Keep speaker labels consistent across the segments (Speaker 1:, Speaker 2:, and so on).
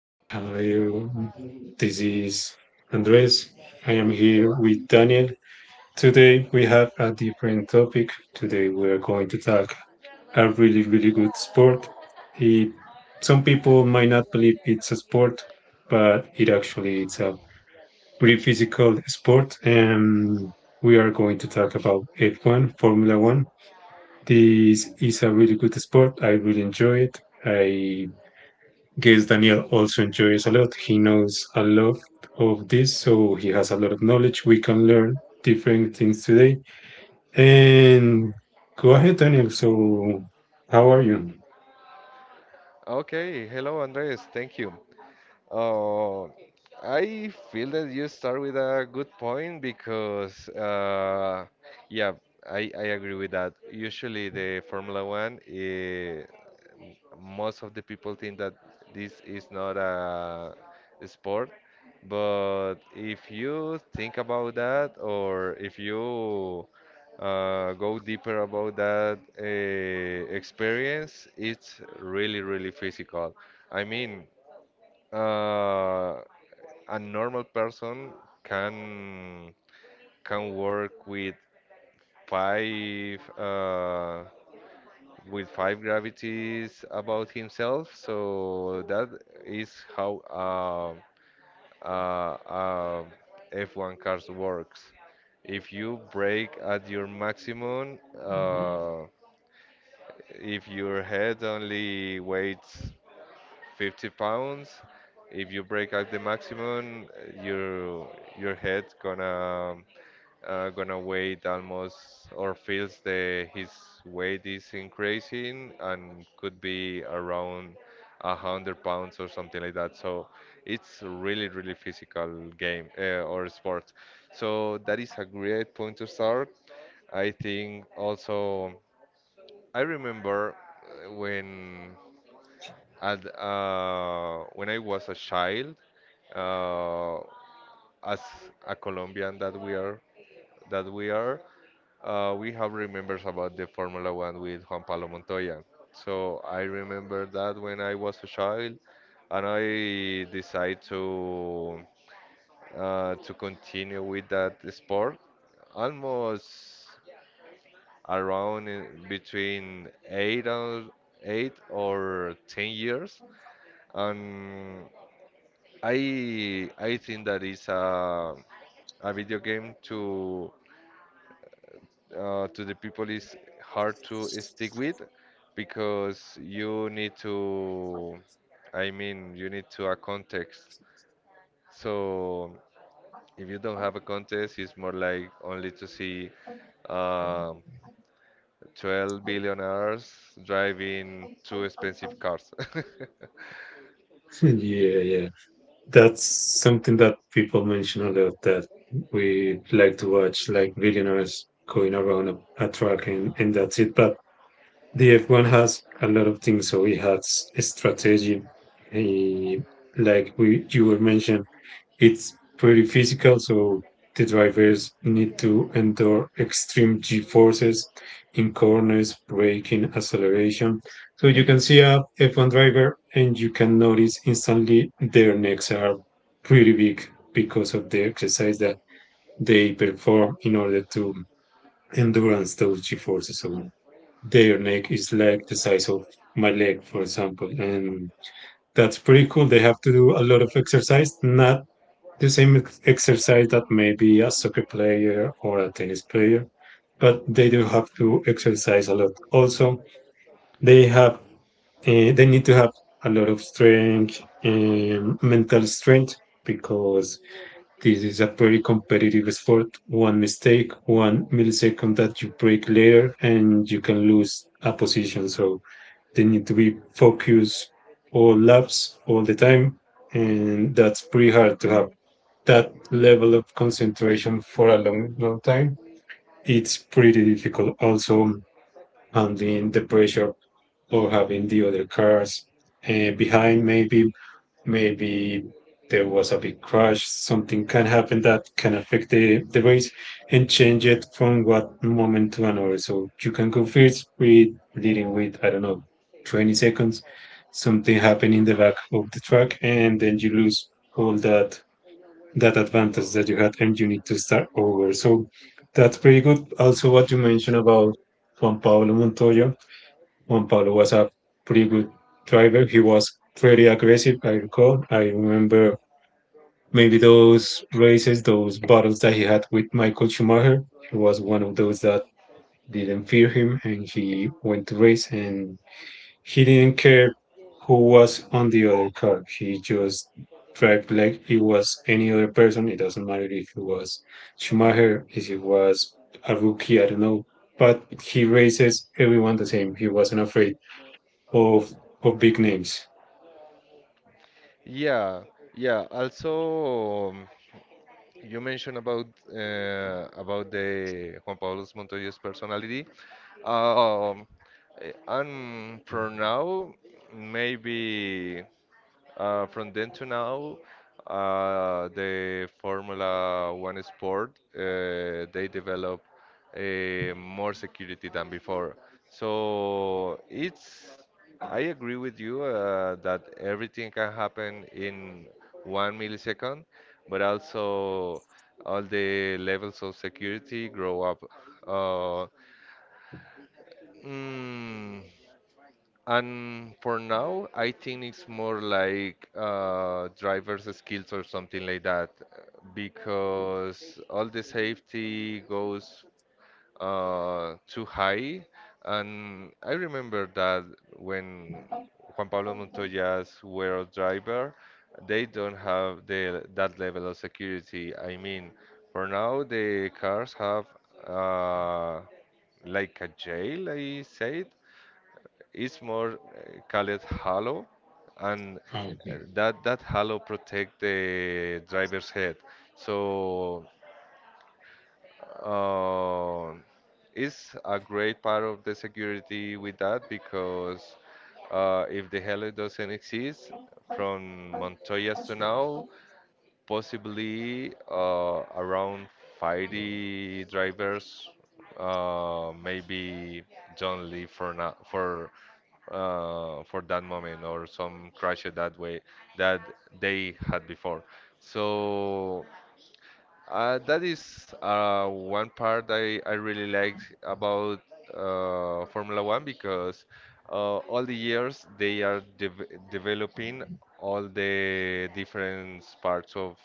Speaker 1: Yep.
Speaker 2: Hello, this is Andres. I am here with Daniel. Today we have a different topic. Today we are going to talk a really, really good sport. It, some people might not believe it's a sport, but it actually it's a pretty physical sport. And we are going to talk about F1, Formula One. This is a really good sport. I really enjoy it. I guess Daniel also enjoys a lot. He knows a lot of this, so he has a lot of knowledge. We can learn different things today. And go ahead, Daniel. So, how are you?
Speaker 1: Okay. Hello, Andres. Thank you. Uh, I feel that you start with a good point because, yeah, I agree with that. Usually, the Formula One, most of the people think that this is not a sport, but if you think about that, or if you go deeper about that, experience it's really really physical. i mean uh, a normal person can work five uh, with five gravities about himself. So that is how uh, uh, F1 cars works. If you brake at your maximum, if your head only weighs 50 pounds, if you brake at the maximum, your your head gonna gonna weight almost or feels the his weight is increasing and could be around 100 pounds or something like that. So it's really really physical game, or sport. So that is a great point to start. I think also I remember uh, when when I was a child, uh, as a Colombian that we are that we are. We have remembers about the Formula One with Juan Pablo Montoya. So I remember that when I was a child, and I decided to continue with that sport. Almost around in between eight or ten years, and I think that is a video game to the people is hard to stick with, because you need to, I mean, you need to a context. So if you don't have a context, it's more like only to see uh, 12 billionaires driving two expensive cars.
Speaker 2: Yeah, yeah. That's something that people mention a lot that we like to watch, like billionaires going around a track and that's it. But the F1 has a lot of things, so it has a strategy. Eh, like we you were mentioned, it's pretty physical, so the drivers need to endure extreme G forces in corners, braking, acceleration. So you can see a F1 driver and you can notice instantly their necks are pretty big because of the exercise that they perform in order to endurance those G forces. So their neck is like the size of my leg, for example. And that's pretty cool. They have to do a lot of exercise, not the same exercise that maybe a soccer player or a tennis player, but they do have to exercise a lot. Also, they have they need to have a lot of strength and mental strength because this is a pretty competitive sport. One mistake, one millisecond that you break later, and you can lose a position. So they need to be focused all laps all the time, and that's pretty hard to have that level of concentration for a long, long time, it's pretty difficult. Also, handling the pressure or having the other cars behind, maybe there was a big crash, something can happen that can affect the race and change it from one moment to another. So you can go first with leading with, I don't know, 20 seconds, something happen in the back of the track, and then you lose all that advantage that you had and you need to start over. So that's pretty good. Also, what you mentioned about Juan Pablo Montoya. Juan Pablo was a pretty good driver. He was pretty aggressive, I recall. I remember maybe those races, those battles that he had with Michael Schumacher. He was one of those that didn't fear him and he went to race and he didn't care who was on the other car. He just drive like it was any other person. It doesn't matter if it was Schumacher, if it was a rookie, I don't know. But he races everyone the same. He wasn't afraid of big names.
Speaker 1: Yeah, yeah. Also, you mentioned about the Juan Pablo Montoya's personality. Um, eh, and for now, maybe. From then to now, the Formula One sport, they develop more security than before. So it's, I agree with you that everything can happen in one millisecond, but also all the levels of security grow up. Uh, mm, and for now, I think it's more like driver's skills or something like that, because all the safety goes too high. And I remember that when Juan Pablo Montoya's were a driver, they don't have the, that level of security. I mean, for now, the cars have uh, like a jail, I said, it's more called halo, and uh,
Speaker 2: Okay.
Speaker 1: that that halo protect the driver's head. So uh, it's a great part of the security with that because if the halo doesn't exist from Montoya's to now, possibly around 50 drivers maybe don't leave for now for that moment or some crash that way that they had before. So that is one part I really liked about Formula One, because all the years they are developing all the different parts of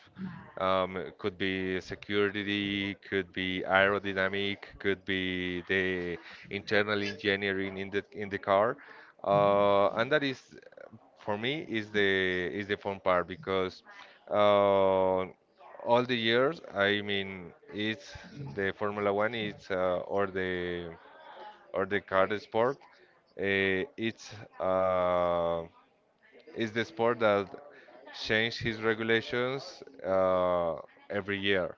Speaker 1: could be security, could be aerodynamic, could be the internal engineering in the car, and that is for me is the fun part because. Uh, all the years. I mean, it's the Formula One, it's or the car sport. Uh, it's uh, it's the sport that change his regulations every year.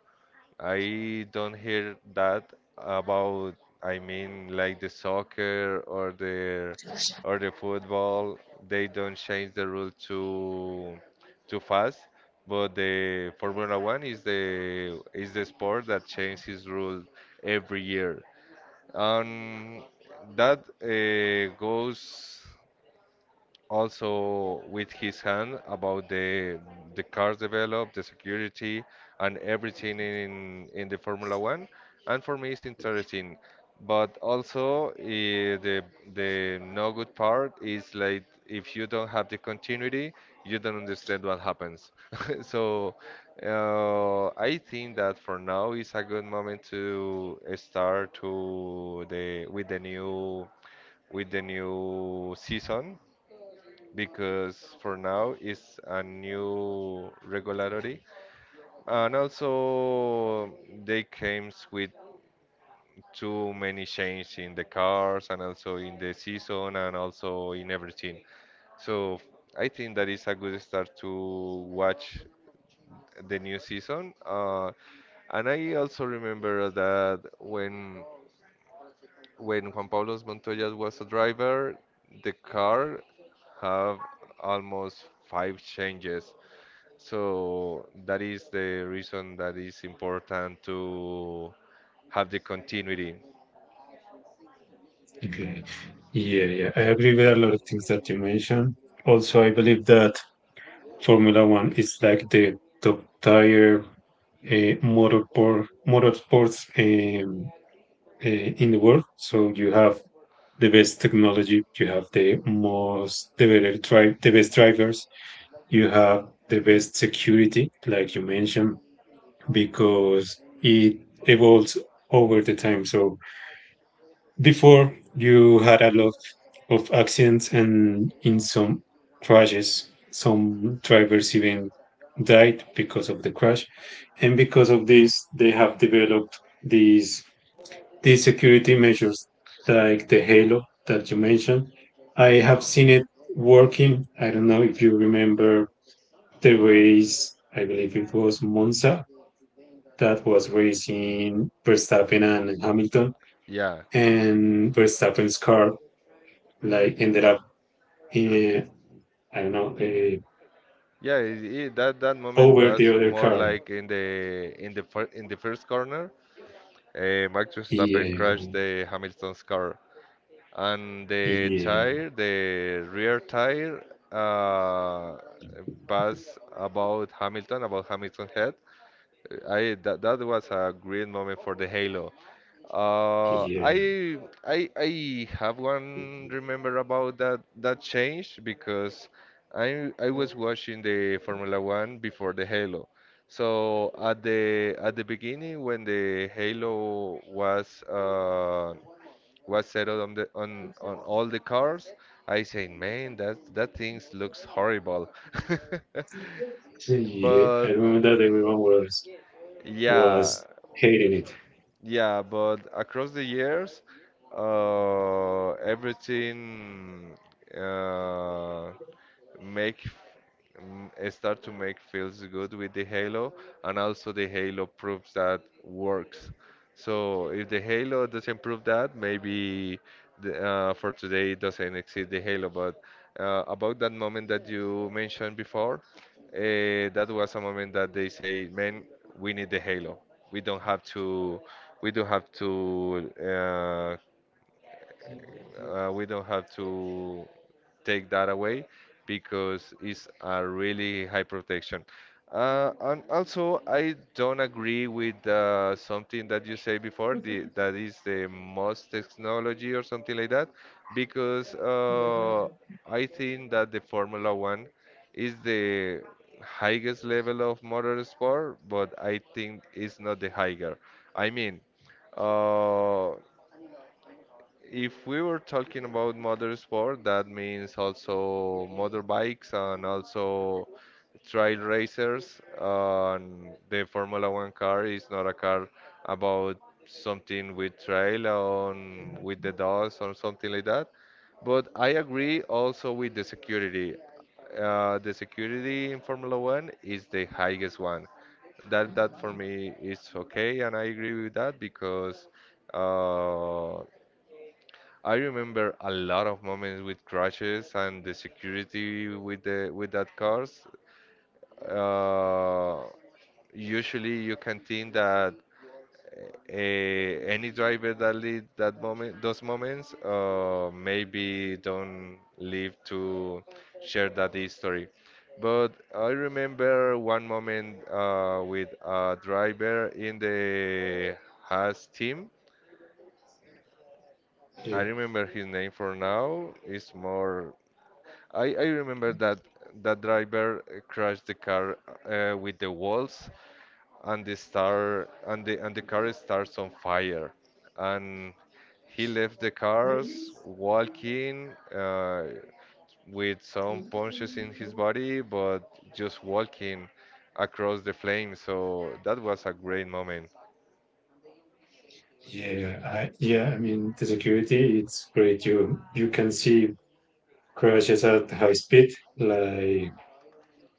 Speaker 1: I don't hear that about, I mean, like the soccer or the football. They don't change the rule too fast, but the Formula One is the sport that changes his rule every year. Um, that goes also with his hand about the cars developed, the security, and everything in the Formula One. And for me, it's interesting. But also, eh, the no good part is like if you don't have the continuity, you don't understand what happens. So, I think that for now is a good moment to start to the with the new season, because for now it's a new regulatory and also they came with too many changes in the cars and also in the season and also in everything, so I think that is a good start to watch the new season and I also remember that when juan pablo montoya was a driver, the car have almost five changes. So that is the reason that is important to have the continuity.
Speaker 2: Okay. Yeah, yeah, I agree with a lot of things that you mentioned. Also, I believe that Formula One is like the top tier motorsports um, in the world. So you have the best technology, you have the better drive, the best drivers, you have the best security, like you mentioned, because it evolves over the time. So before you had a lot of accidents and in some crashes, some drivers even died because of the crash. And because of this, they have developed these the security measures like the Halo that you mentioned. I have seen it working. I don't know if you remember the race, I believe it was Monza, that was racing Verstappen and Hamilton,
Speaker 1: Yeah,
Speaker 2: and Verstappen's car like ended up in, I don't know,
Speaker 1: yeah. That that moment
Speaker 2: over the
Speaker 1: was
Speaker 2: other
Speaker 1: more
Speaker 2: car.
Speaker 1: like in the first corner, Max Verstappen
Speaker 2: Yeah,
Speaker 1: crashed the Hamilton's car, and
Speaker 2: yeah,
Speaker 1: the
Speaker 2: yeah,
Speaker 1: tire, the rear tire, uh, pass about Hamilton head. I that that was a great moment for the Halo. Uh, I
Speaker 2: yeah.
Speaker 1: I have one remember about that that change, because I was watching the Formula One before the Halo. So at the beginning, when the Halo was settled on the on all the cars, I say, man, that that things looks horrible.
Speaker 2: I
Speaker 1: But
Speaker 2: remember that everyone was
Speaker 1: yeah,
Speaker 2: was hating it.
Speaker 1: yeah, but across the years, everything uh, make start to make feels good with the halo, and also the halo proves that works. So if the halo doesn't prove that, maybe the, for today it doesn't exist the halo, but about that moment that you mentioned before, that was a moment that they say, man, we need the halo. we don't have to we don't have to we don't have to take that away, because it's a really high protection. And also, I don't agree with something that you say before, the, that is the most technology or something like that, because I think that the Formula One is the highest level of motorsport, but I think it's not the higher. I mean, uh, if we were talking about motorsport, that means also motorbikes and also trail racers. And the Formula One car is not a car about something with trail on with the dust or something like that. But I agree also with the security. The security in Formula One is the highest one. That that for me is okay, and I agree with that because uh, I remember a lot of moments with crashes and the security with the with that cars. Uh, Usually, you can think that any driver that lead that moment, those moments, maybe don't live to share that history. But I remember one moment with a driver in the Haas team.
Speaker 2: Yeah.
Speaker 1: I remember his name for now. It's more. I remember that that driver crashed the car with the walls, and the star and the car starts on fire, and he left the cars walking, with some punches in his body, but just walking across the flame. So that was a great moment.
Speaker 2: Yeah, I mean, the security it's great. You can see crashes at high speed, like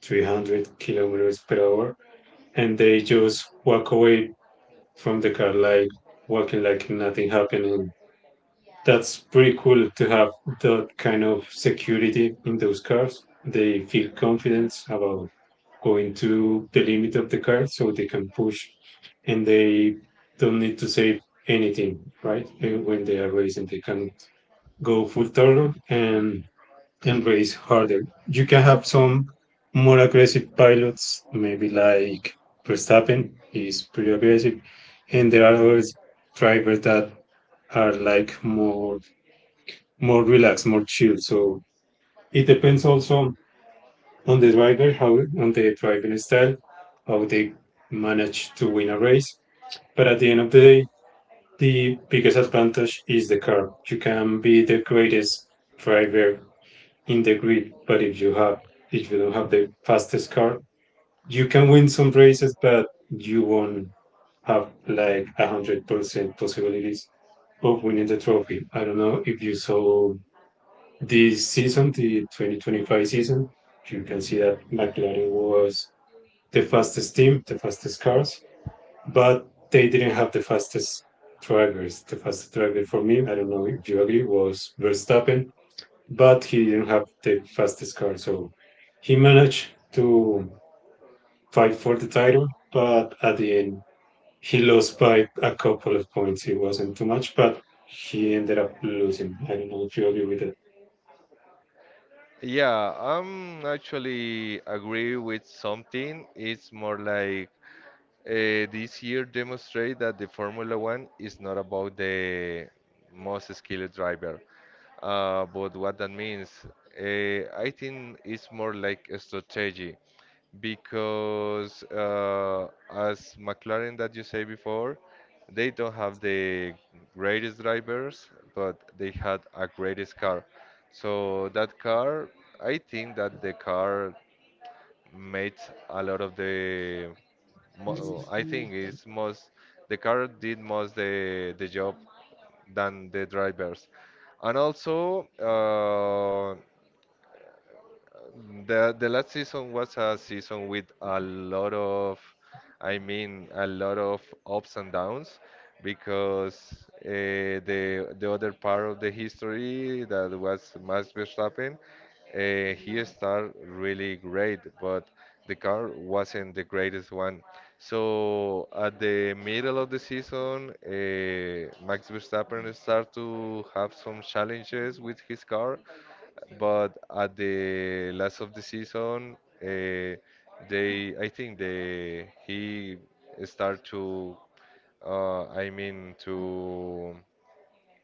Speaker 2: 300 kilometers per hour, and they just walk away from the car, like walking like nothing happened. And that's pretty cool to have that kind of security in those cars. They feel confidence about going to the limit of the car, so they can push, and they don't need to say anything, right? When they are racing, they can go full throttle and race harder. You can have some more aggressive pilots, maybe like Verstappen is pretty aggressive, and there are other drivers that are like more relaxed, more chill. So it depends also on the driver, how on the driving style, how they manage to win a race. But at the end of the day, the biggest advantage is the car. You can be the greatest driver in the grid. But if you don't have the fastest car, you can win some races, but you won't have like 100% possibilities of winning the trophy. I don't know if you saw this season, the 2025 season. You can see that McLaren was the fastest team, the fastest cars, but they didn't have the fastest drivers. The fastest driver for me, I don't know if you agree, was Verstappen, but he didn't have the fastest car, so he managed to fight for the title. But at the end, he lost by a couple of points. It wasn't too much, but he ended up losing. I don't know if you agree with that.
Speaker 1: Yeah, I'm actually agree with something, it's more like this year demonstrate that the Formula One is not about the most skilled driver, but what that means, I think it's more like a strategy, because as McLaren that you say before, they don't have the greatest drivers, but they had a greatest car. So that car, I think that the car made a lot of the I think it's most the car did most the job than the drivers. And also, the last season was a season with a lot of, I mean, a lot of ups and downs, because the other part of the history that was Max Verstappen, he started really great, but the car wasn't the greatest one. So at the middle of the season, Max Verstappen started to have some challenges with his car, but at the last of the season, uh, they I think they he start to I mean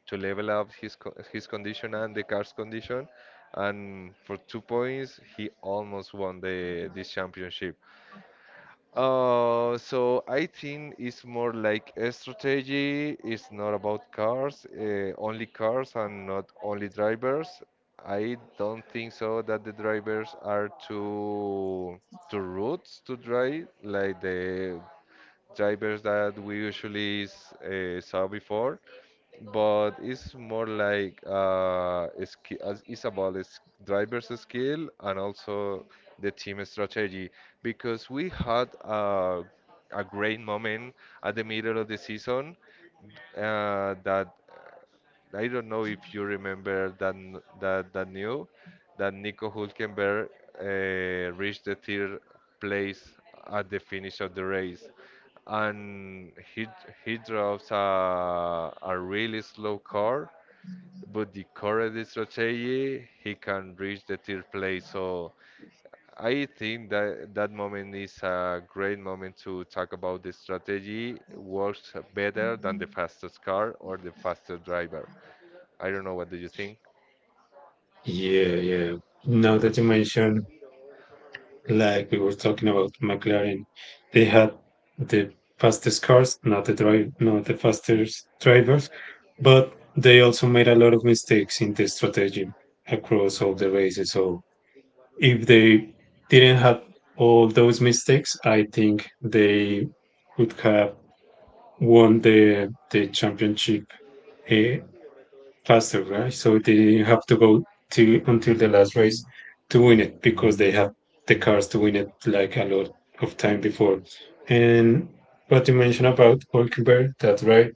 Speaker 1: to level up his co his condition and the car's condition, and for 2 points he almost won the this championship. So I think it's more like a strategy. It's not about cars, only cars and not only drivers. I don't think so that the drivers are too rude to drive like the drivers that we usually saw before, but it's more like it's about is driver's skill and also the team strategy, because we had a great moment at the middle of the season, that I don't know if you remember that n- that that new that Nico Hulkenberg reached the third place at the finish of the race, and he drives a really slow car, but the correct strategy he can reach the third place. So I think that that moment is a great moment to talk about the strategy works better than the fastest car or the fastest driver. I don't know what do you think?
Speaker 2: Yeah, yeah. Now that you mention, like we were talking about McLaren, they had the fastest cars, not the drive, not the fastest drivers, but they also made a lot of mistakes in the strategy across all the races. So if they didn't have all those mistakes, I think they would have won the championship uh, faster, right? So they didn't have to go to until the last race to win it because they had the cars to win it like a lot of time before. And what you mentioned about Hulkenberg, that's right.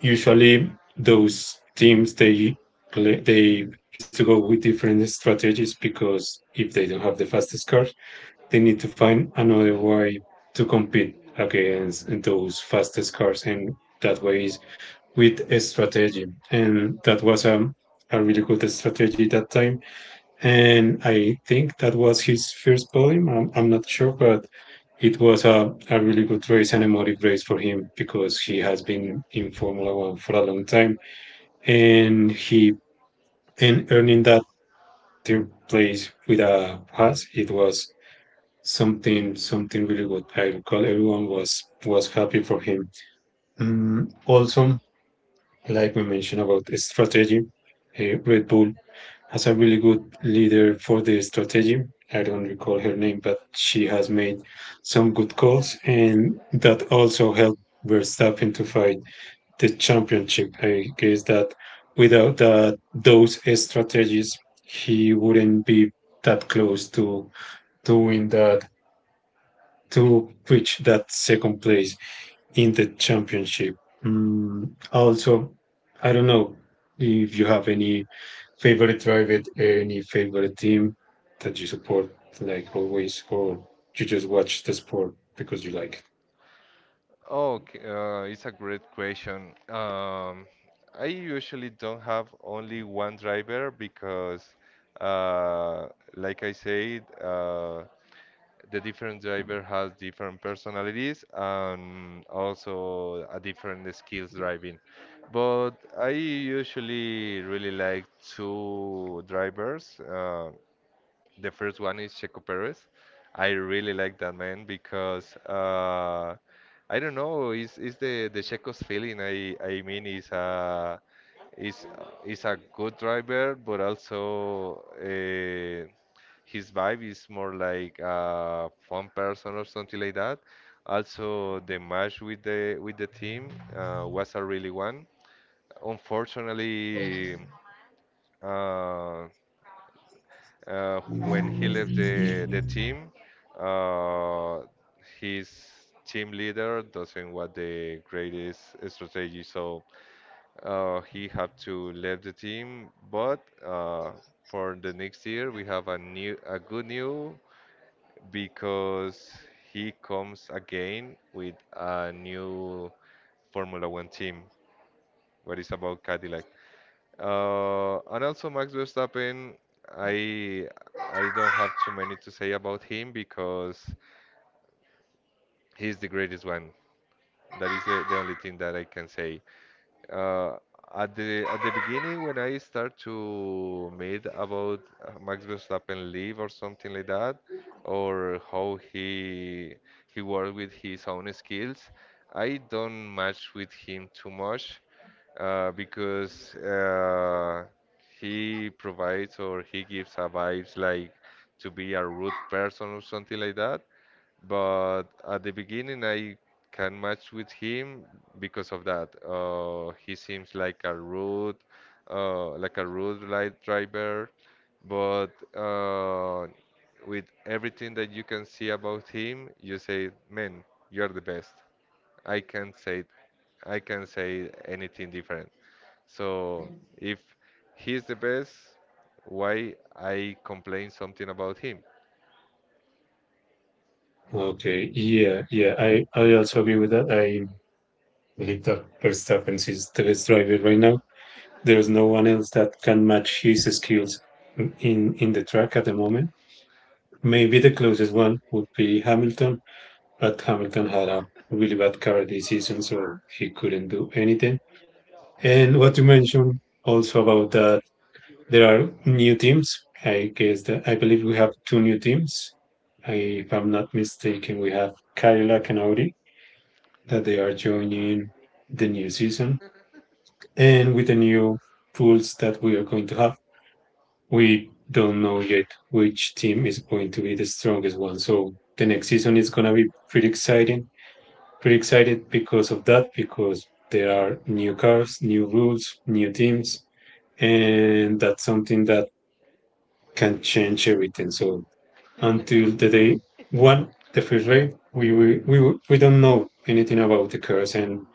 Speaker 2: Usually those teams they used to go with different strategies because if they don't have the fastest car, they need to find another way to compete against those fastest cars, and that way is with a strategy. And that was a really good strategy that time. And I think that was his first podium. I'm not sure, but it was a really good race and a motive race for him because he has been in Formula One for a long time. And he and earning that third place with a Haas, it was something really good. I recall everyone was happy for him. Mm, also, like we mentioned about strategy, Red Bull has a really good leader for the strategy. I don't recall her name, but she has made some good calls, and that also helped Verstappen to fight the championship. I guess that without that, those strategies, he wouldn't be that close to doing that to reach that second place in the championship. Mm, also, I don't know if you have any favorite driver, any favorite team that you support, like always, or you just watch the sport because you like
Speaker 1: Okay, it's a great question. I usually don't have only one driver because, uh, like I said, the different driver has different personalities and also a different skills driving. But I usually really like two drivers. The first one is Checo Perez. I really like that man because I don't know, is the Checo's feeling. I mean, is a is is a good driver, but also his vibe is more like a fun person or something like that. Also, the match with the team was a really one. Unfortunately, uh, when he left the team, uh, his team leader doesn't want the greatest strategy, so he had to leave the team. But for the next year, we have a new a good new because he comes again with a new Formula One team. What is about Cadillac? And also Max Verstappen, I I don't have too many to say about him because he's the greatest one. That is the only thing that I can say uh, at the beginning when I start to meet about Max Verstappen leave or something like that, or how he worked with his own skills, I don't match with him too much because he provides or he gives a vibes like to be a rude person or something like that but at the beginning I can match with him because of that. He seems like a rude light driver, but uh, with everything that you can see about him, you say, "Man, you're the best." I can't say, I can't say anything different. So if he's the best, why I complain something about him?
Speaker 2: it. Okay, I also agree with that. I believe that Verstappen is the best driver right now. There's no one else that can match his skills in the track at the moment. Maybe the closest one would be Hamilton, but Hamilton had a really bad car this season, so he couldn't do anything. And what you mentioned also about that, there are new teams. I guess that I believe we have two new teams. I, if I'm not mistaken, we have Cadillac and Audi that they are joining the new season, and with the new rules that we are going to have, we don't know yet which team is going to be the strongest one. So the next season is going to be pretty exciting. Pretty excited because of that, because there are new cars, new rules, new teams, and that's something that can change everything. So until the day one, the first race, we don't know anything about the cars and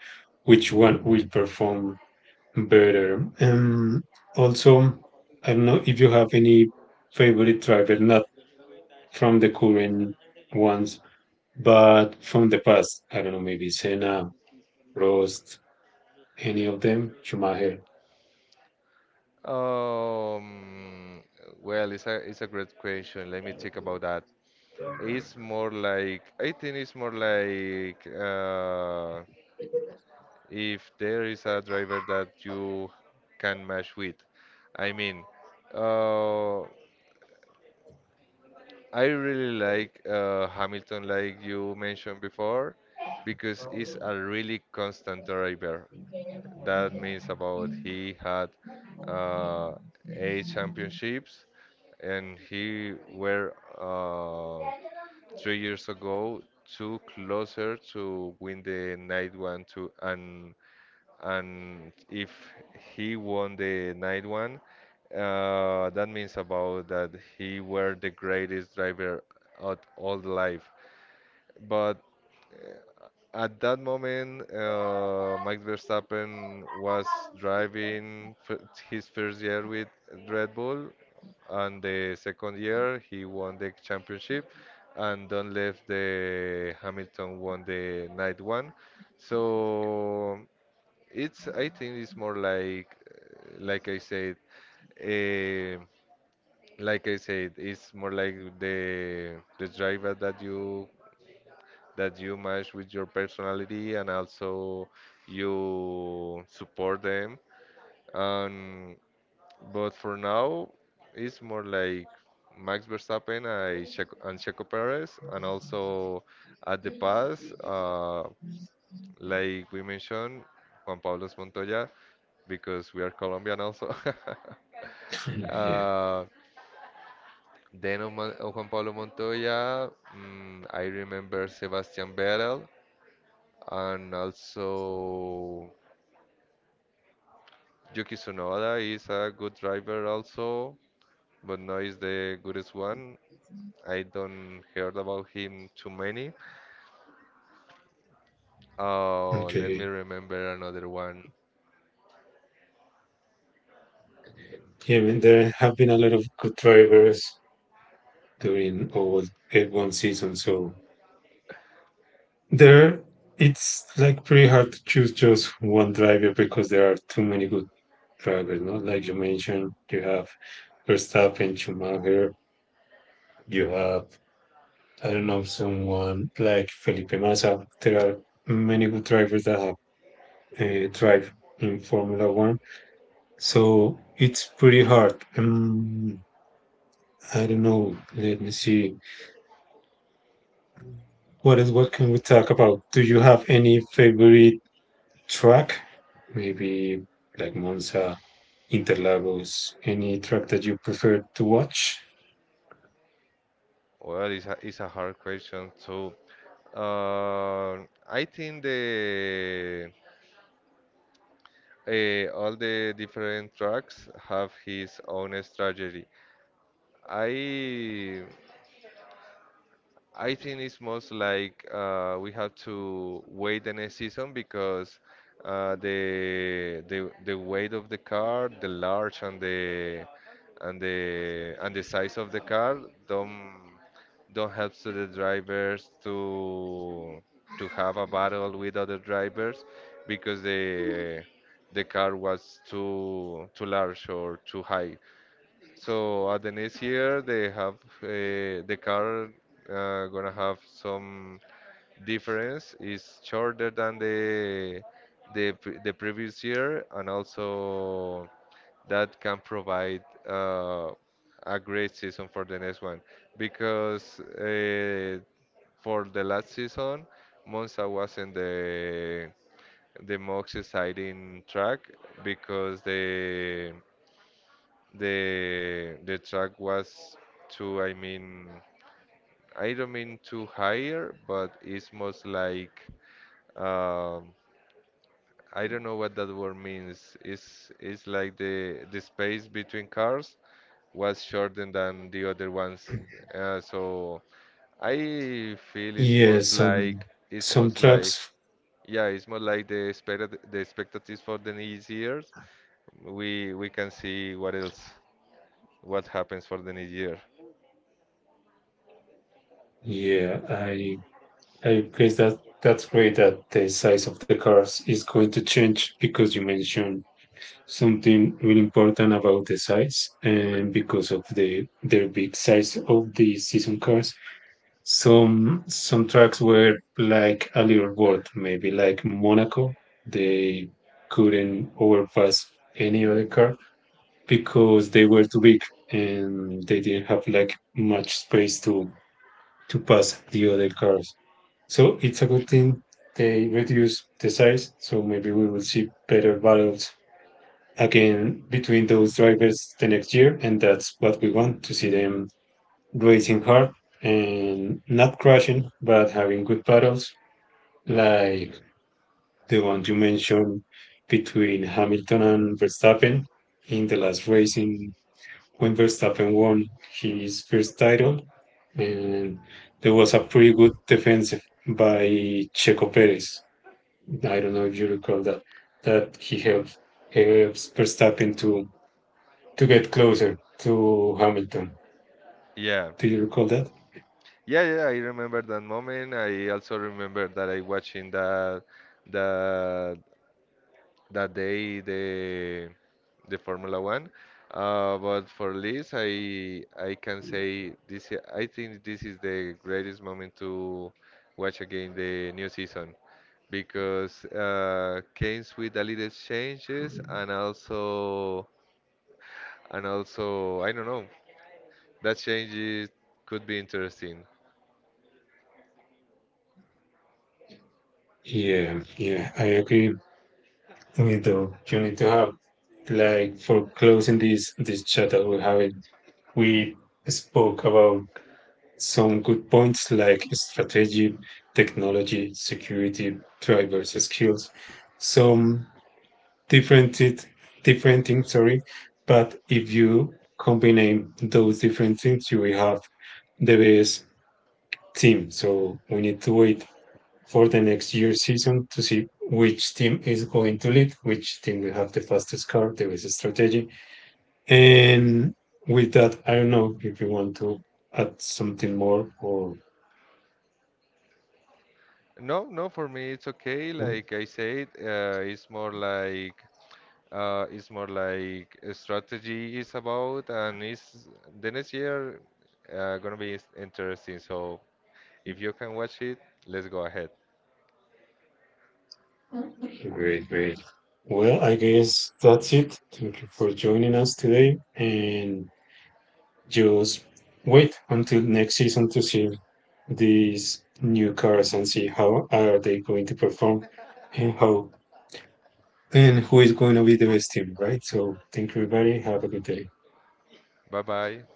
Speaker 2: which one will perform better. Also, I don't know if you have any favorite driver, not from the current ones, but from the past. I don't know, maybe Senna, Prost, any of them, Schumacher.
Speaker 1: Um, well, it's a great question. Let me think about that. It's more like I think it's more like if there is a driver that you can match with. I mean, uh, I really like Hamilton, like you mentioned before, because he's a really constant driver. That means about he had uh, eight championships, and he were uh, 3 years ago too closer to win the night one to and if he won the night one, that means about that he were the greatest driver of all life. But at that moment, Max Verstappen was driving f his first year with Red Bull, and the second year he won the championship, and don't left the Hamilton won the night one. So it's I think it's more like I said, eh, like I said, it's more like the driver that you match with your personality and also you support them. Um, but for now, it's more like Max Verstappen and Checo Perez, and also at the past, like we mentioned, Juan Pablo Montoya, because we are Colombian also.
Speaker 2: Yeah.
Speaker 1: Uh, then of Juan Pablo Montoya, I remember Sebastian Vettel, and also Yuki Tsunoda is a good driver also, but not is the goodest one. I don't heard about him too many. Oh, let me
Speaker 2: Okay.
Speaker 1: remember another one.
Speaker 2: Yeah, I mean, there have been a lot of good drivers during all F1 season, so there it's like pretty hard to choose just one driver because there are too many good drivers, no? Like you mentioned, you have Verstappen, Schumacher, you have I don't know someone like Felipe Massa. There are many good drivers that have drive in Formula One, so it's pretty hard. I don't know. Let me see. What can we talk about? Do you have any favorite track? Maybe like Monza, Interlagos, any track that you prefer to watch?
Speaker 1: Well, it's a hard question too. Uh, I think the all the different tracks have his own strategy. I I think it's most like we have to wait the next season because the the weight of the car, the large and the and the size of the car don't don't help to the drivers to have a battle with other drivers because the car was too large or too high. So at the next year they have uh, the car gonna have some difference. It's shorter than the the previous year, and also that can provide a great season for the next one because for the last season Monza wasn't the most exciting track because the track was too, I mean, I don't mean too higher, but it's most like um, I don't know what that word means. It's like the space between cars was shorter than the other ones. So I feel
Speaker 2: Yeah,
Speaker 1: it's
Speaker 2: some
Speaker 1: most like
Speaker 2: trucks.
Speaker 1: yeah, it's more like the expect the expectatives for the next years. We can see what else what happens for the next year.
Speaker 2: Yeah, I guess that that's great that the size of the cars is going to change because you mentioned something really important about the size and because of the their big size of the season cars. Some tracks were like a little board, maybe like Monaco. They couldn't overpass any other car because they were too big and they didn't have like much space to pass the other cars. So it's a good thing they reduce the size. So maybe we will see better battles again between those drivers the next year, and that's what we want to see them racing hard and not crashing, but having good battles like the one you mentioned between Hamilton and Verstappen in the last race in when Verstappen won his first title, and there was a pretty good defense by Checo Perez. I don't know if you recall that he helped helps Verstappen to get closer to Hamilton.
Speaker 1: Yeah.
Speaker 2: Do you recall that?
Speaker 1: Yeah, yeah, I remember that moment. I also remember that I watching that that that day the Formula One. But for Liz, I can say this. I think this is the greatest moment to watch again the new season because came with a little changes and also I don't know that changes could be interesting.
Speaker 2: Yeah, yeah, I agree with you. You need to have like for closing this chat that we're having, we spoke about some good points like strategy, technology, security, drivers, skills, some different it, different things, sorry. But if you combine those different things, you will have the best team. So we need to wait for the next year season to see which team is going to lead, which team will have the fastest car, the best strategy. And with that, I don't know if you want to add something more or
Speaker 1: No, no, for me it's okay. Like I said, it's more like a strategy is about, and it's the next year gonna be interesting. So if you can watch it, let's go ahead.
Speaker 2: great, great. Well, I guess that's it. Thank you for joining us today and just wait until next season to see these new cars and see how are they going to perform and how and who is going to be the best team, right? So thank you, everybody. Have a good day.
Speaker 1: Bye bye.